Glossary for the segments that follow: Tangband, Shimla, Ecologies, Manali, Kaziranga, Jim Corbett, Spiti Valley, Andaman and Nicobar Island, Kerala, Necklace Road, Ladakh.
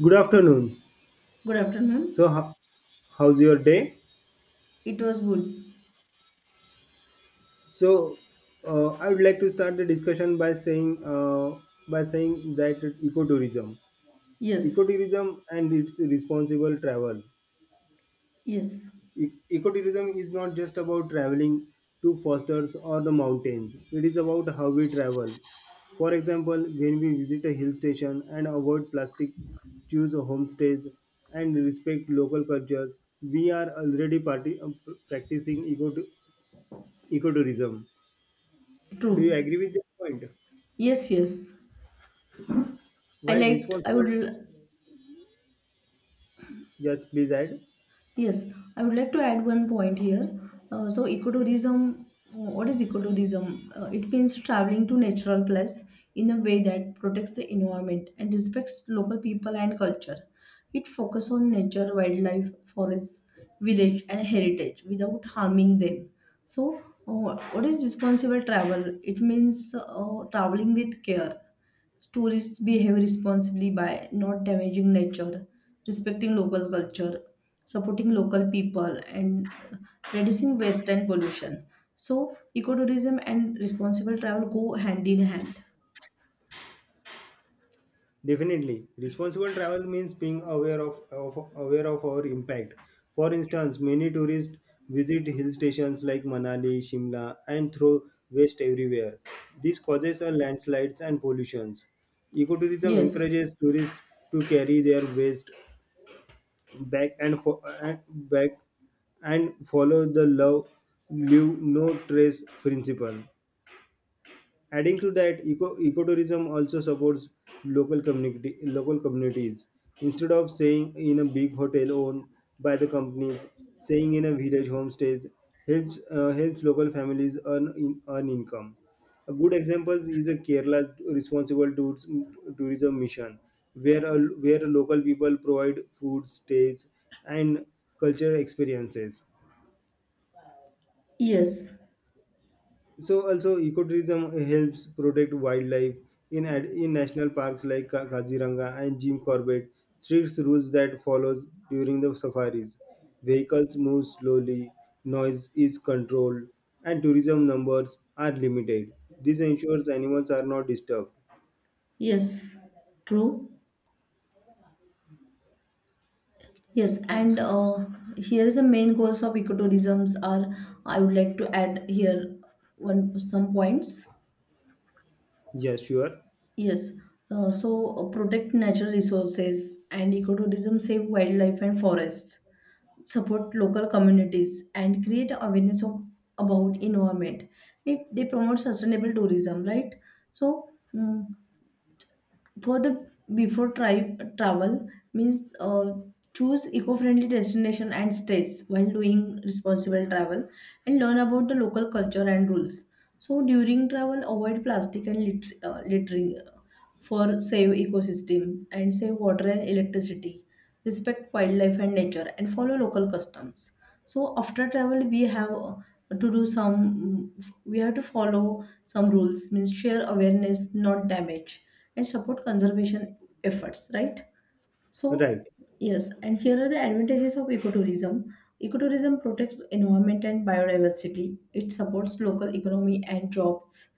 Good afternoon. Good So, afternoon. ho- How's your day? It was good. So, I would like to start the discussion by saying by saying that ecotourism, Yes. ecotourism and its responsible travel. Yes. Ecotourism is not just about traveling to forests or the mountains. It is about how we travel. For example, when we visit a hill station and avoid plastic, choose homestays, and respect local cultures, we are already practicing ecotourism. Do you True. agree with this point? Yes, yes. I While liked I responsible, would just please add. Yes, I would like to add one point here. So ecotourism, what is ecotourism? It means traveling to natural place in a way that protects the environment and respects local people and culture. It focuses on nature, wildlife, forests, village, and heritage without harming them. So, what is responsible travel? It means traveling with care. Tourists behave responsibly by not damaging nature, respecting local culture, supporting local people, and reducing waste and pollution. So, ecotourism and responsible travel go hand in hand. Definitely, responsible travel means being aware of our impact. For instance, many tourists visit hill stations like Manali, Shimla, and throw waste everywhere. This causes a landslides and pollutions. Ecotourism Yes, encourages tourists to carry their waste back and follow the love leave no trace principle. Adding to that, ecotourism also supports local communities. Instead of staying in a big hotel owned by the companies, staying in a village homestay helps helps local families earn income. A good example is a responsible tours, tourism mission, where where local people provide food, stays, and cultural experiences. yes, So also ecotourism helps protect wildlife in national parks like Kaziranga and Jim Corbett. Strict rules that follows during the safaris. Vehicles move slowly, noise is controlled, and tourism numbers are limited. This ensures animals are not disturbed. yes, true. Yes, and here is the main goals of ecotourisms are. I would like to add here one some points. Yeah, sure. Yes, so protect natural resources and ecotourism, save wildlife and forests, support local communities, and create awareness of, about environment. It, they promote sustainable tourism, right? So for the before travel means choose eco-friendly destination and stays while doing responsible travel, and learn about the local culture and rules. So during travel, avoid plastic and litter, littering for save ecosystem and save water and electricity, respect wildlife and nature and follow local customs. So after travel we have to do some, we have to follow some rules means share awareness, not damage and support conservation efforts, right? So, Right. yes, and here are the advantages of ecotourism. Ecotourism protects environment and biodiversity. It supports local economy and jobs,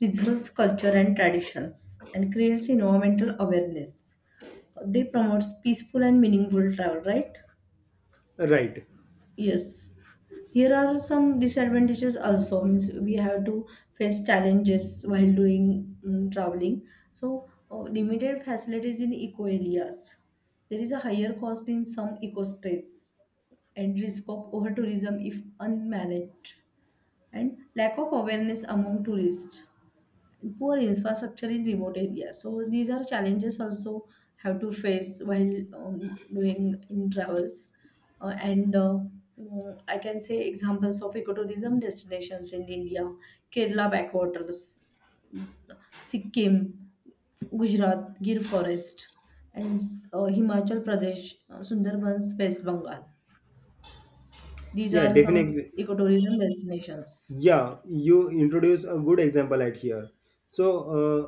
preserves culture and traditions, and creates environmental awareness. They promotes peaceful and meaningful travel, right? Right. Yes. Here are some disadvantages also. Means we have to face challenges while doing traveling. So limited facilities in eco areas. There is a higher cost in some eco states and risk of over tourism if unmanaged, and lack of awareness among tourists, poor infrastructure in remote areas. So these are challenges also have to face while doing in travels. Uh, and uh, I can say examples of ecotourism destinations in India: Kerala backwaters, S- Sikkim, Gujarat, Gir Forest, and Himachal Pradesh, Sundarbans, West Bengal. These Yeah, are some definitely. ecotourism destinations. Yeah, you introduce a good example right here. so uh,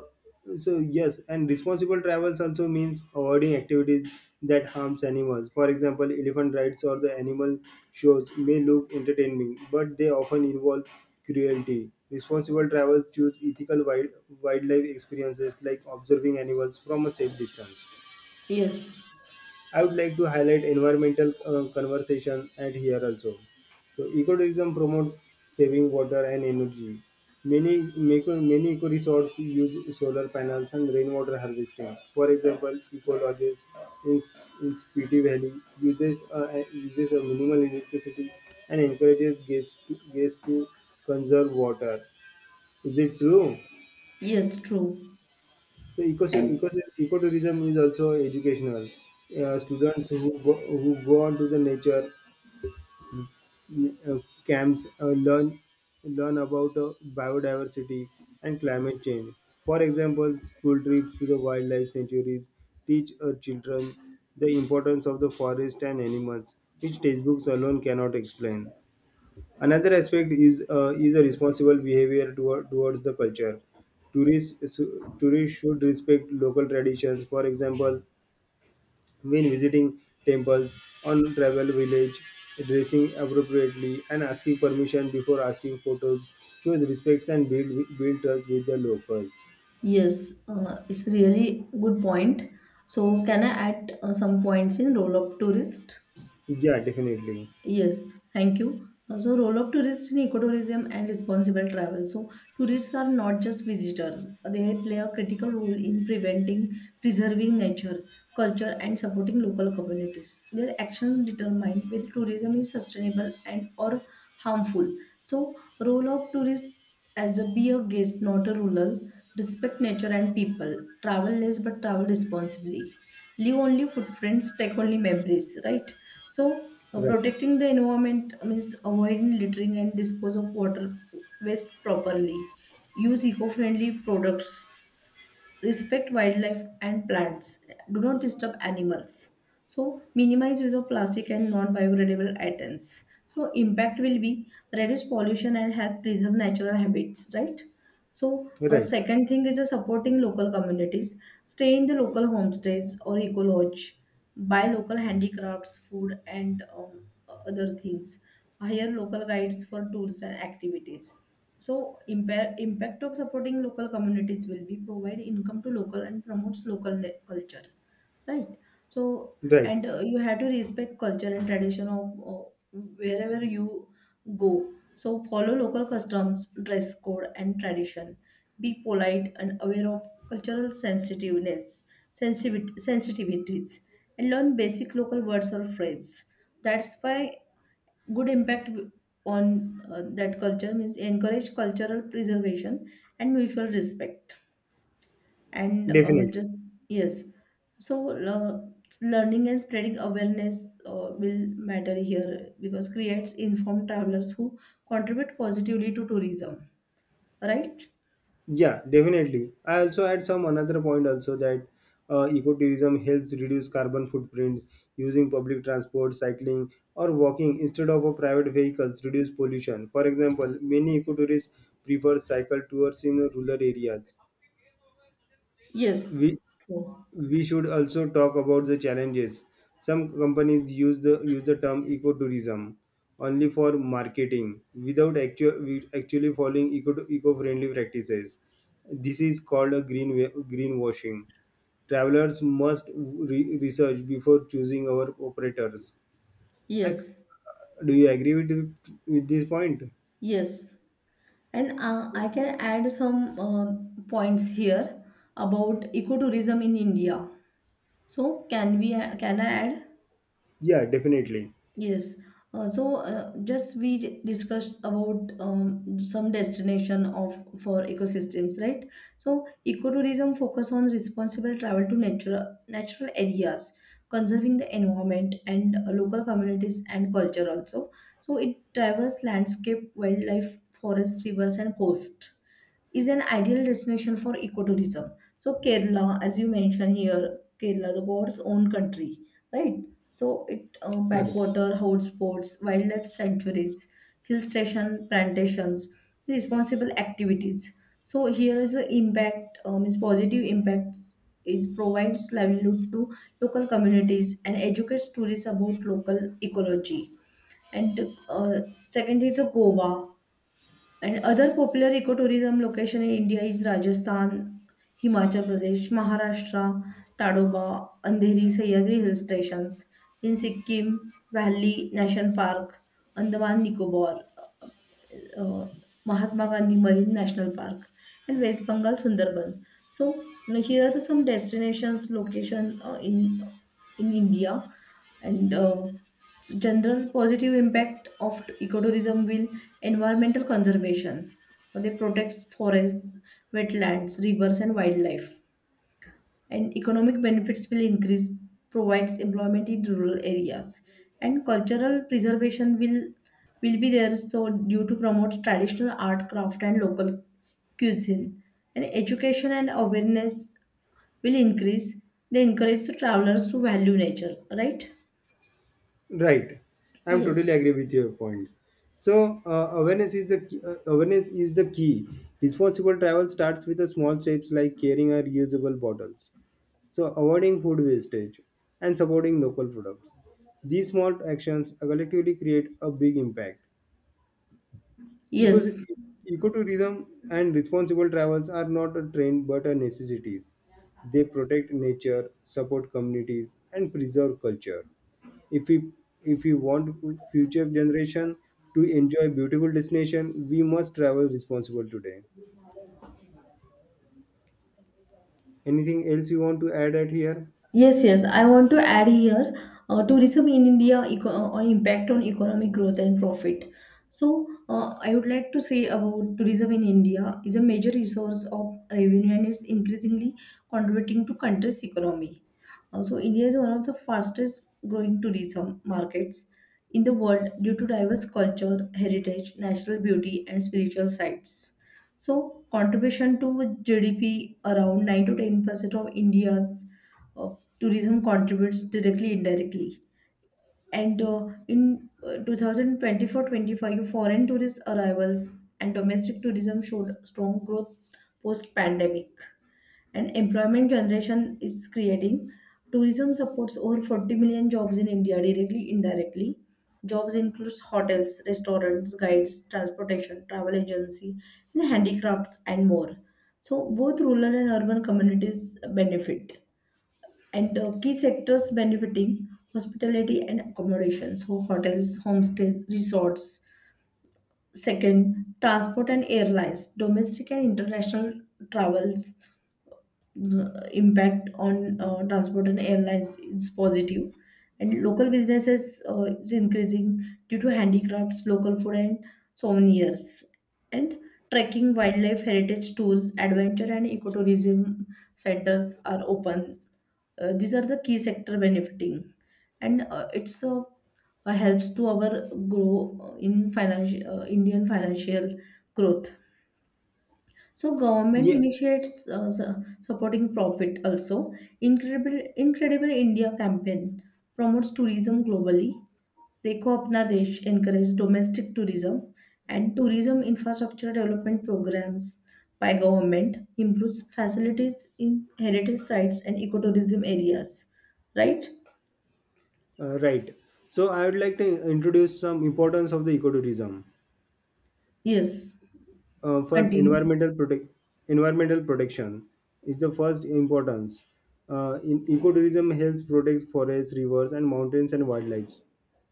so yes, and responsible travels also means avoiding activities that harms animals. For example, elephant rides or the animal shows may look entertaining, but they often involve cruelty. Responsible travels choose wildlife experiences like observing animals from a safe distance. Yes, I would like to highlight environmental conversation at here also. So ecotourism promotes saving water and energy. Many many eco resorts use solar panels and rainwater harvesting. For example, Ecologies in Spiti Valley uses a minimal electricity and encourages guests to conserve water. Is it true? yes, true. So And ecotourism is also educational. Uh, students who go, who go on to the nature uh, camps learn about biodiversity and climate change. For example, school trips to the wildlife sanctuaries teach our children the importance of the forest and animals, which textbooks alone cannot explain. Another aspect is a responsible behavior towards the culture. Tourists Tourists should respect local traditions. For example, when visiting temples on travel village, dressing appropriately and asking permission before asking photos shows respect and build trust with the locals. yes, it's really good point. So can I add some points in role of tourist? Yeah, definitely. Yes, thank you. So role of tourists in ecotourism and responsible travel. So tourists are not just visitors. They play a critical role in preserving nature, culture and supporting local communities. Their actions determine whether tourism is sustainable and or harmful. So role of tourists: as a be a guest, not a ruler. Respect nature and people. Travel less, but travel responsibly. Leave only footprints, take only memories, right? So, Right. protecting the environment means avoiding littering and dispose of water waste properly. Use eco friendly products, respect wildlife and plants, do not disturb animals, so minimize use of plastic and non-biodegradable items so impact will be reduce pollution and help preserve natural habits, right? So Right. second thing is supporting local communities. Stay in the local homestays or eco lodge, buy local handicrafts, food and other things, hire local guides for tours and activities. So impact of supporting local communities will be provide income to local and promotes local culture, right? So Right. and you have to respect culture and tradition of wherever you go. So follow local customs, dress code, and tradition. Be polite and aware of cultural sensitivities, and learn basic local words or phrases. That's why good impact on that culture means encourage cultural preservation and mutual respect and Definitely. just yes. So learning and spreading awareness will matter here because creates informed travelers who contribute positively to tourism, right? Yeah, definitely. I also add some another point also, that ecotourism helps reduce carbon footprints. Using public transport, cycling, or walking instead of a private vehicles reduce pollution. For example, many ecotourists prefer cycle tours in rural areas, Yes. whi- True. we should also talk about the challenges. Some companies use the term ecotourism only for marketing without actually following eco-friendly practices. This is called a greenwashing. Travelers must research before choosing our operators. Yes, Ac- do you agree with this point? yes. And I can add some points here about ecotourism in India. So can I add? Yeah, definitely. Yes. So just we discussed about some destination of for ecosystems, right? So ecotourism focus on responsible travel to natural areas, conserving the environment and local communities and culture also. So it travels landscape, wildlife, forest, rivers, and coast is an ideal destination for ecotourism. So Kerala, as you mentioned here, Kerala, the God's own country, right? So it Right. backwater, hotspots, wildlife sanctuaries, hill station plantations, responsible activities. So here is the impact, is positive impacts. It provides livelihood to local communities and educates tourists about local ecology. And second is the Goa. And other popular ecotourism location in India is Rajasthan, Himachal Pradesh, Maharashtra, Tadoba, Andheri, Sahyadri hill stations. In Sikkim, Valley National Park, Andaman Nicobar. uh, Mahatma Gandhi Marine National Park, and West Bengal Sundarbans. So now here are the some destinations location in India, and general positive impact of ecotourism will environmental conservation. They protect forests, wetlands, rivers, and wildlife, and economic benefits will increase, provides employment in rural areas, and cultural preservation will be there so due to promote traditional art craft and local cuisine, and education and awareness will increase, they encourage the travelers to value nature, right? Right, I'm totally Yes. agree with your points. So awareness is the key. Responsible travel starts with the small steps like carrying our reusable bottles, so avoiding food wastage, and supporting local products. These small actions collectively create a big impact. Ecos- Yes. e- Ecotourism and responsible travels are not a trend but a necessity. They protect nature, support communities, and preserve culture. If we if we want future generation to enjoy beautiful destination, we must travel responsible today. Anything else you want to add at here? Yes, yes. I want to add here tourism in India or impact on economic growth and profit. So, I would like to say about tourism in India is a major resource of revenue and is increasingly contributing to country's economy. So, India is one of the fastest growing tourism markets in the world due to diverse culture, heritage, natural beauty, and spiritual sites. So, contribution to GDP around 9 to 10% of India's uh, tourism contributes directly indirectly, and in 2024-25, foreign tourist arrivals and domestic tourism showed strong growth post pandemic, and employment generation is creating, tourism supports over 40 million jobs in India directly indirectly. Jobs includes hotels, restaurants, guides, transportation, travel agency, and handicrafts and more. So both rural and urban communities benefit. And key sectors benefiting: hospitality and accommodation, so hotels, homestays, resorts; second, transport and airlines, domestic and international travels. Impact on transport and airlines is positive, and local businesses is increasing due to handicrafts, local food and souvenirs, and trekking, wildlife, heritage tours, adventure and ecotourism centers are open. These are the key sector benefiting. And a helps to our grow in financial Indian financial growth. So government Yeah, initiates supporting profit also. Incredible India campaign promotes tourism globally. Dekho Apna Desh encourages domestic tourism and tourism infrastructure development programs by government improves facilities in heritage sites and ecotourism areas. Right? Right. So I would like to introduce some importance of the ecotourism. Yes. First Continue. environmental protect Environmental protection is the first importance. In Ecotourism helps protect forests, rivers and mountains and wildlife,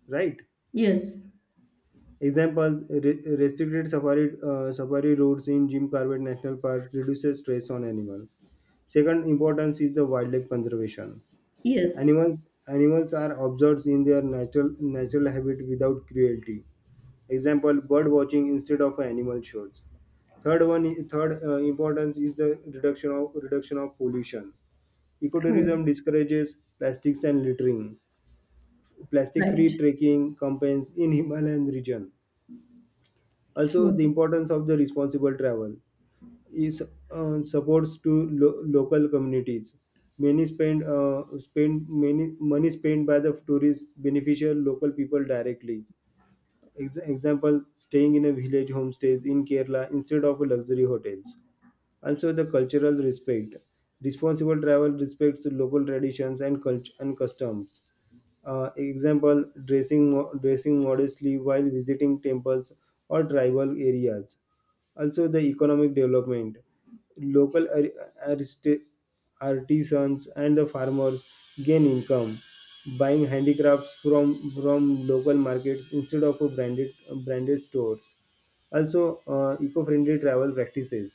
right? Yes. Examples: restricted safari safari routes in Jim Corbett National Park reduces stress on animals. Second importance is the wildlife conservation. Yes. Animals are observed in their natural habit without cruelty. Example: bird watching instead of animal shows. Third importance is the reduction of pollution. True. Ecotourism discourages plastics and littering. Right. Plastic-free trekking campaigns in Himalayan region. Also, True. the importance of the responsible travel is supports to local communities. Many spend spend many money spent by the tourists beneficial local people directly. Example: staying in a village homestays in Kerala instead of luxury hotels. Also, the cultural respect. Responsible travel respects local traditions and customs. Example, dressing modestly while visiting temples or tribal areas. Also, the economic development. Local artisans and the farmers gain income buying handicrafts from local markets instead of a branded branded stores. Also, eco-friendly travel practices.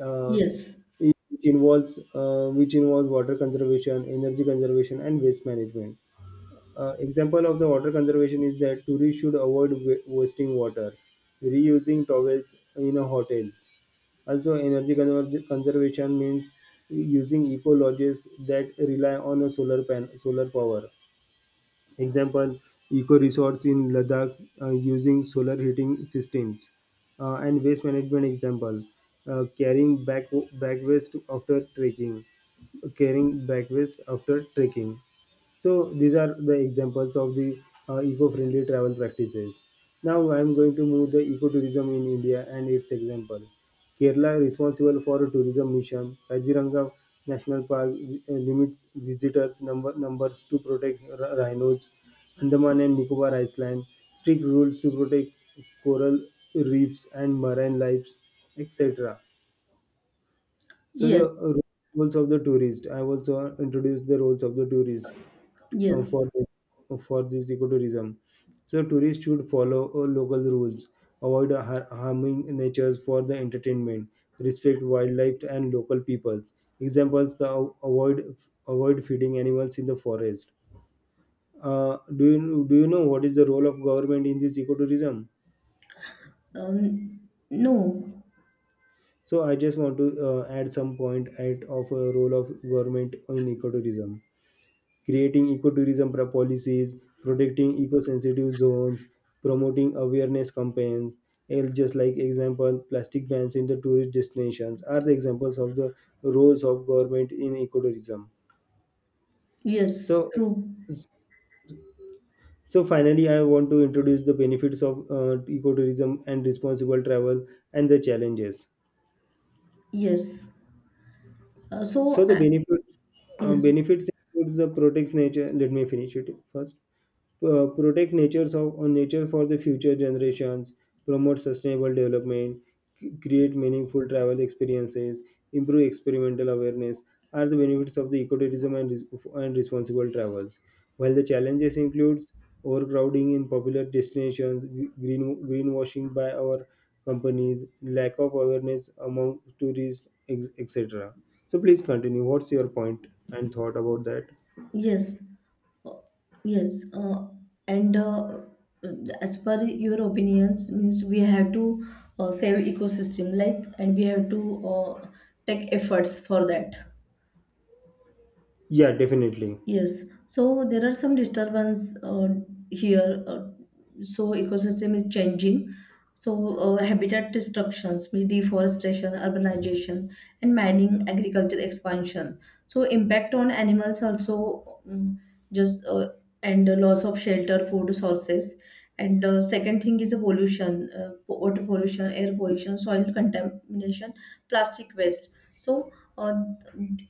Uh, Yes. it involves Which involves water conservation, energy conservation, and waste management. Example of the water conservation is that tourists should avoid wasting water, reusing towels in a hotels. Also, conservation means using eco lodges that rely on a solar power. Example: eco resorts in Ladakh using solar heating systems. And waste management example: carrying back back waste after trekking, carrying back waste after trekking. So these are the examples of the eco-friendly travel practices. Now I am going to move the ecotourism in India and its example. Kerala responsible for tourism mission. Kaziranga National Park limits visitors number numbers to protect rhinos. Andaman and Nicobar Island strict rules to protect coral reefs and marine lives, etc. So Yes. the roles of the tourist. I have also introduced the roles of the tourist uh, Yes. for this, for this ecotourism. So tourists should follow local rules, avoid harming nature for the entertainment, respect wildlife and local peoples. Examples: the av- avoid avoid feeding animals in the forest. Do you know what is the role of government in this ecotourism? No. So I just want to add some point at of a role of government in ecotourism. Creating ecotourism policies, protecting eco-sensitive zones, promoting awareness campaigns. And just like example, plastic bans in the tourist destinations are the examples of the roles of government in ecotourism. Yes. So, True. so finally, I want to introduce the benefits of ecotourism and responsible travel and the challenges. Yes. Uh, So so the uh, yes. benefits include the protects nature. Let me finish it first. Protect natures of on nature for the future generations, promote sustainable development, create meaningful travel experiences, improve experimental awareness are the benefits of the ecotourism and, and responsible travels, while the challenges includes overcrowding in popular destinations, greenwashing by our companies, lack of awareness among tourists, etc. So please continue what's your point and thought about that. Yes. Uh, yes. And as per your opinions, means we have to save ecosystem, like, and we have to take efforts for that. Yeah, definitely. Yes, so there are some disturbance here. So ecosystem is changing. So habitat destructions, mean deforestation, urbanization, and mining, agriculture expansion. So impact on animals also just and the loss of shelter, food sources. And second thing is the pollution, water pollution, air pollution, soil contamination, plastic waste. So uh,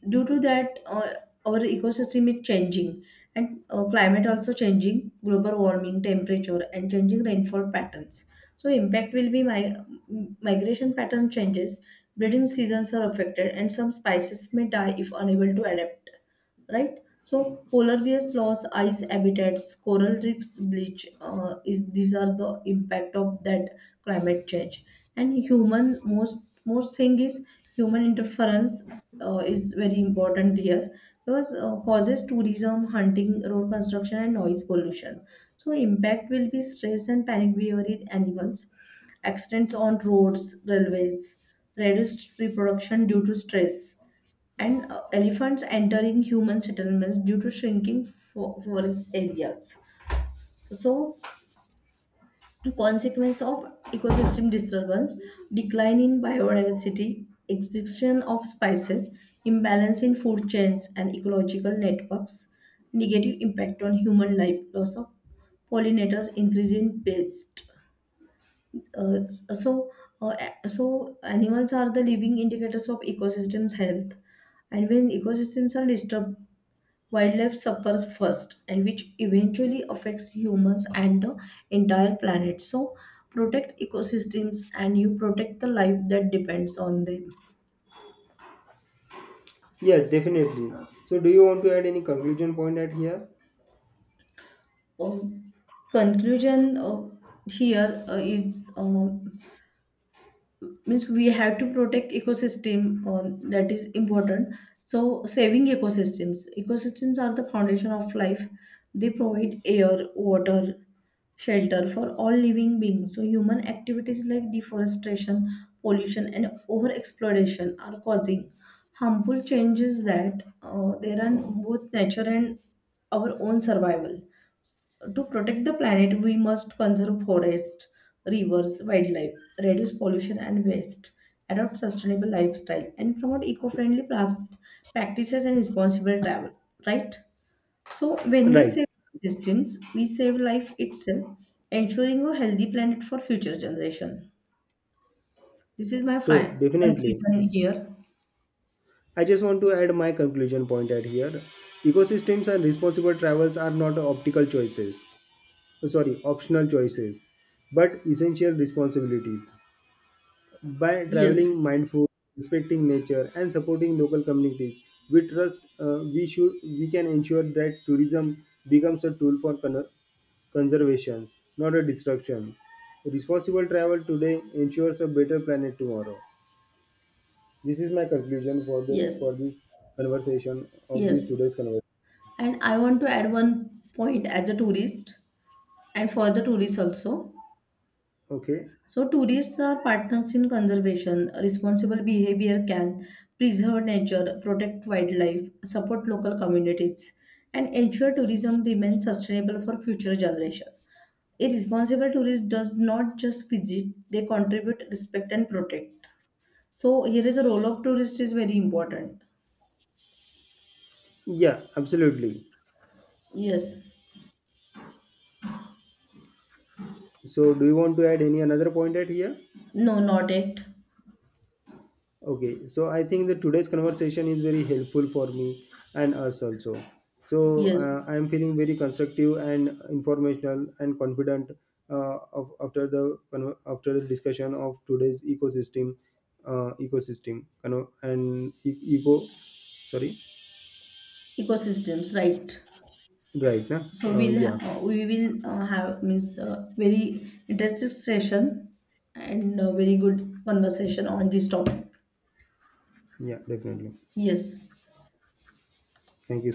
due to that, our ecosystem is changing, and climate also changing, global warming temperature and changing rainfall patterns, so impact will be my migration pattern changes, breeding seasons are affected, and some species may die if unable to adapt, right? So polar bears loss ice habitats, coral reefs bleach. Is these are the impact of that climate change. And human most thing is human interference is very important here because causes tourism, hunting, road construction, and noise pollution. So impact will be stress and panic behavior in animals, accidents on roads, railways, reduced reproduction due to stress, and elephants entering human settlements due to shrinking forest areas. So, consequence of ecosystem disturbance: decline in biodiversity, extinction of species, imbalance in food chains and ecological networks, negative impact on human life, loss of pollinators, increase in pest. Uh, so, uh, so animals are the living indicators of ecosystems' health, and when ecosystems are disturbed wildlife suffers first and which eventually affects humans and the entire planet. So protect ecosystems and you protect the life that depends on them. Yes, definitely. So, do you want to add any conclusion point at here? Uh, Conclusion uh, here is, means we have to protect ecosystem, uh, that is important. So saving ecosystems are the foundation of life, they provide air, water, shelter for all living beings. So, human activities like deforestation, pollution, and overexploitation are causing harmful changes that there are both nature and our own survival. S- To protect the planet, we must conserve forests, rivers, wildlife, reduce pollution and waste, adopt sustainable lifestyle, and promote eco-friendly practices and responsible travel. Right? So when we Right. save systems, we save life itself, ensuring a healthy planet for future generation. This is my So, final definitely. conclusion here. I just want to add my conclusion point at here. Ecosystems and responsible travels are not optical choices, sorry, optional choices, but essential responsibilities. By traveling Yes, mindful, respecting nature, and supporting local communities, we trust we should we can ensure that tourism becomes a tool for conservation, not a destruction. Responsible travel today ensures a better planet tomorrow. This is my conclusion for the yes, for this conversation of this yes. today's conversation. And I want to add one point as a tourist and for the tourists also. Okay. So, tourists are partners in conservation. Responsible behavior can preserve nature, protect wildlife, support local communities, and ensure tourism remains sustainable for future generations. A responsible tourist does not just visit, they contribute, respect, and protect. So, here is a role of tourist is very important. Yeah, absolutely. Yes. So, do you want to add any another point at here? No, not it. Okay, so I think that today's conversation is very helpful for me and us also. So Yes. I am feeling very constructive and informational and confident after the after the discussion of today's ecosystem, ecosystem, you know, and eco. Sorry, Ecosystems, right. right? Nah? So, Uh, we'll yeah, we will have means very interesting session and very good conversation on this topic. yeah, definitely. Yes. Thank you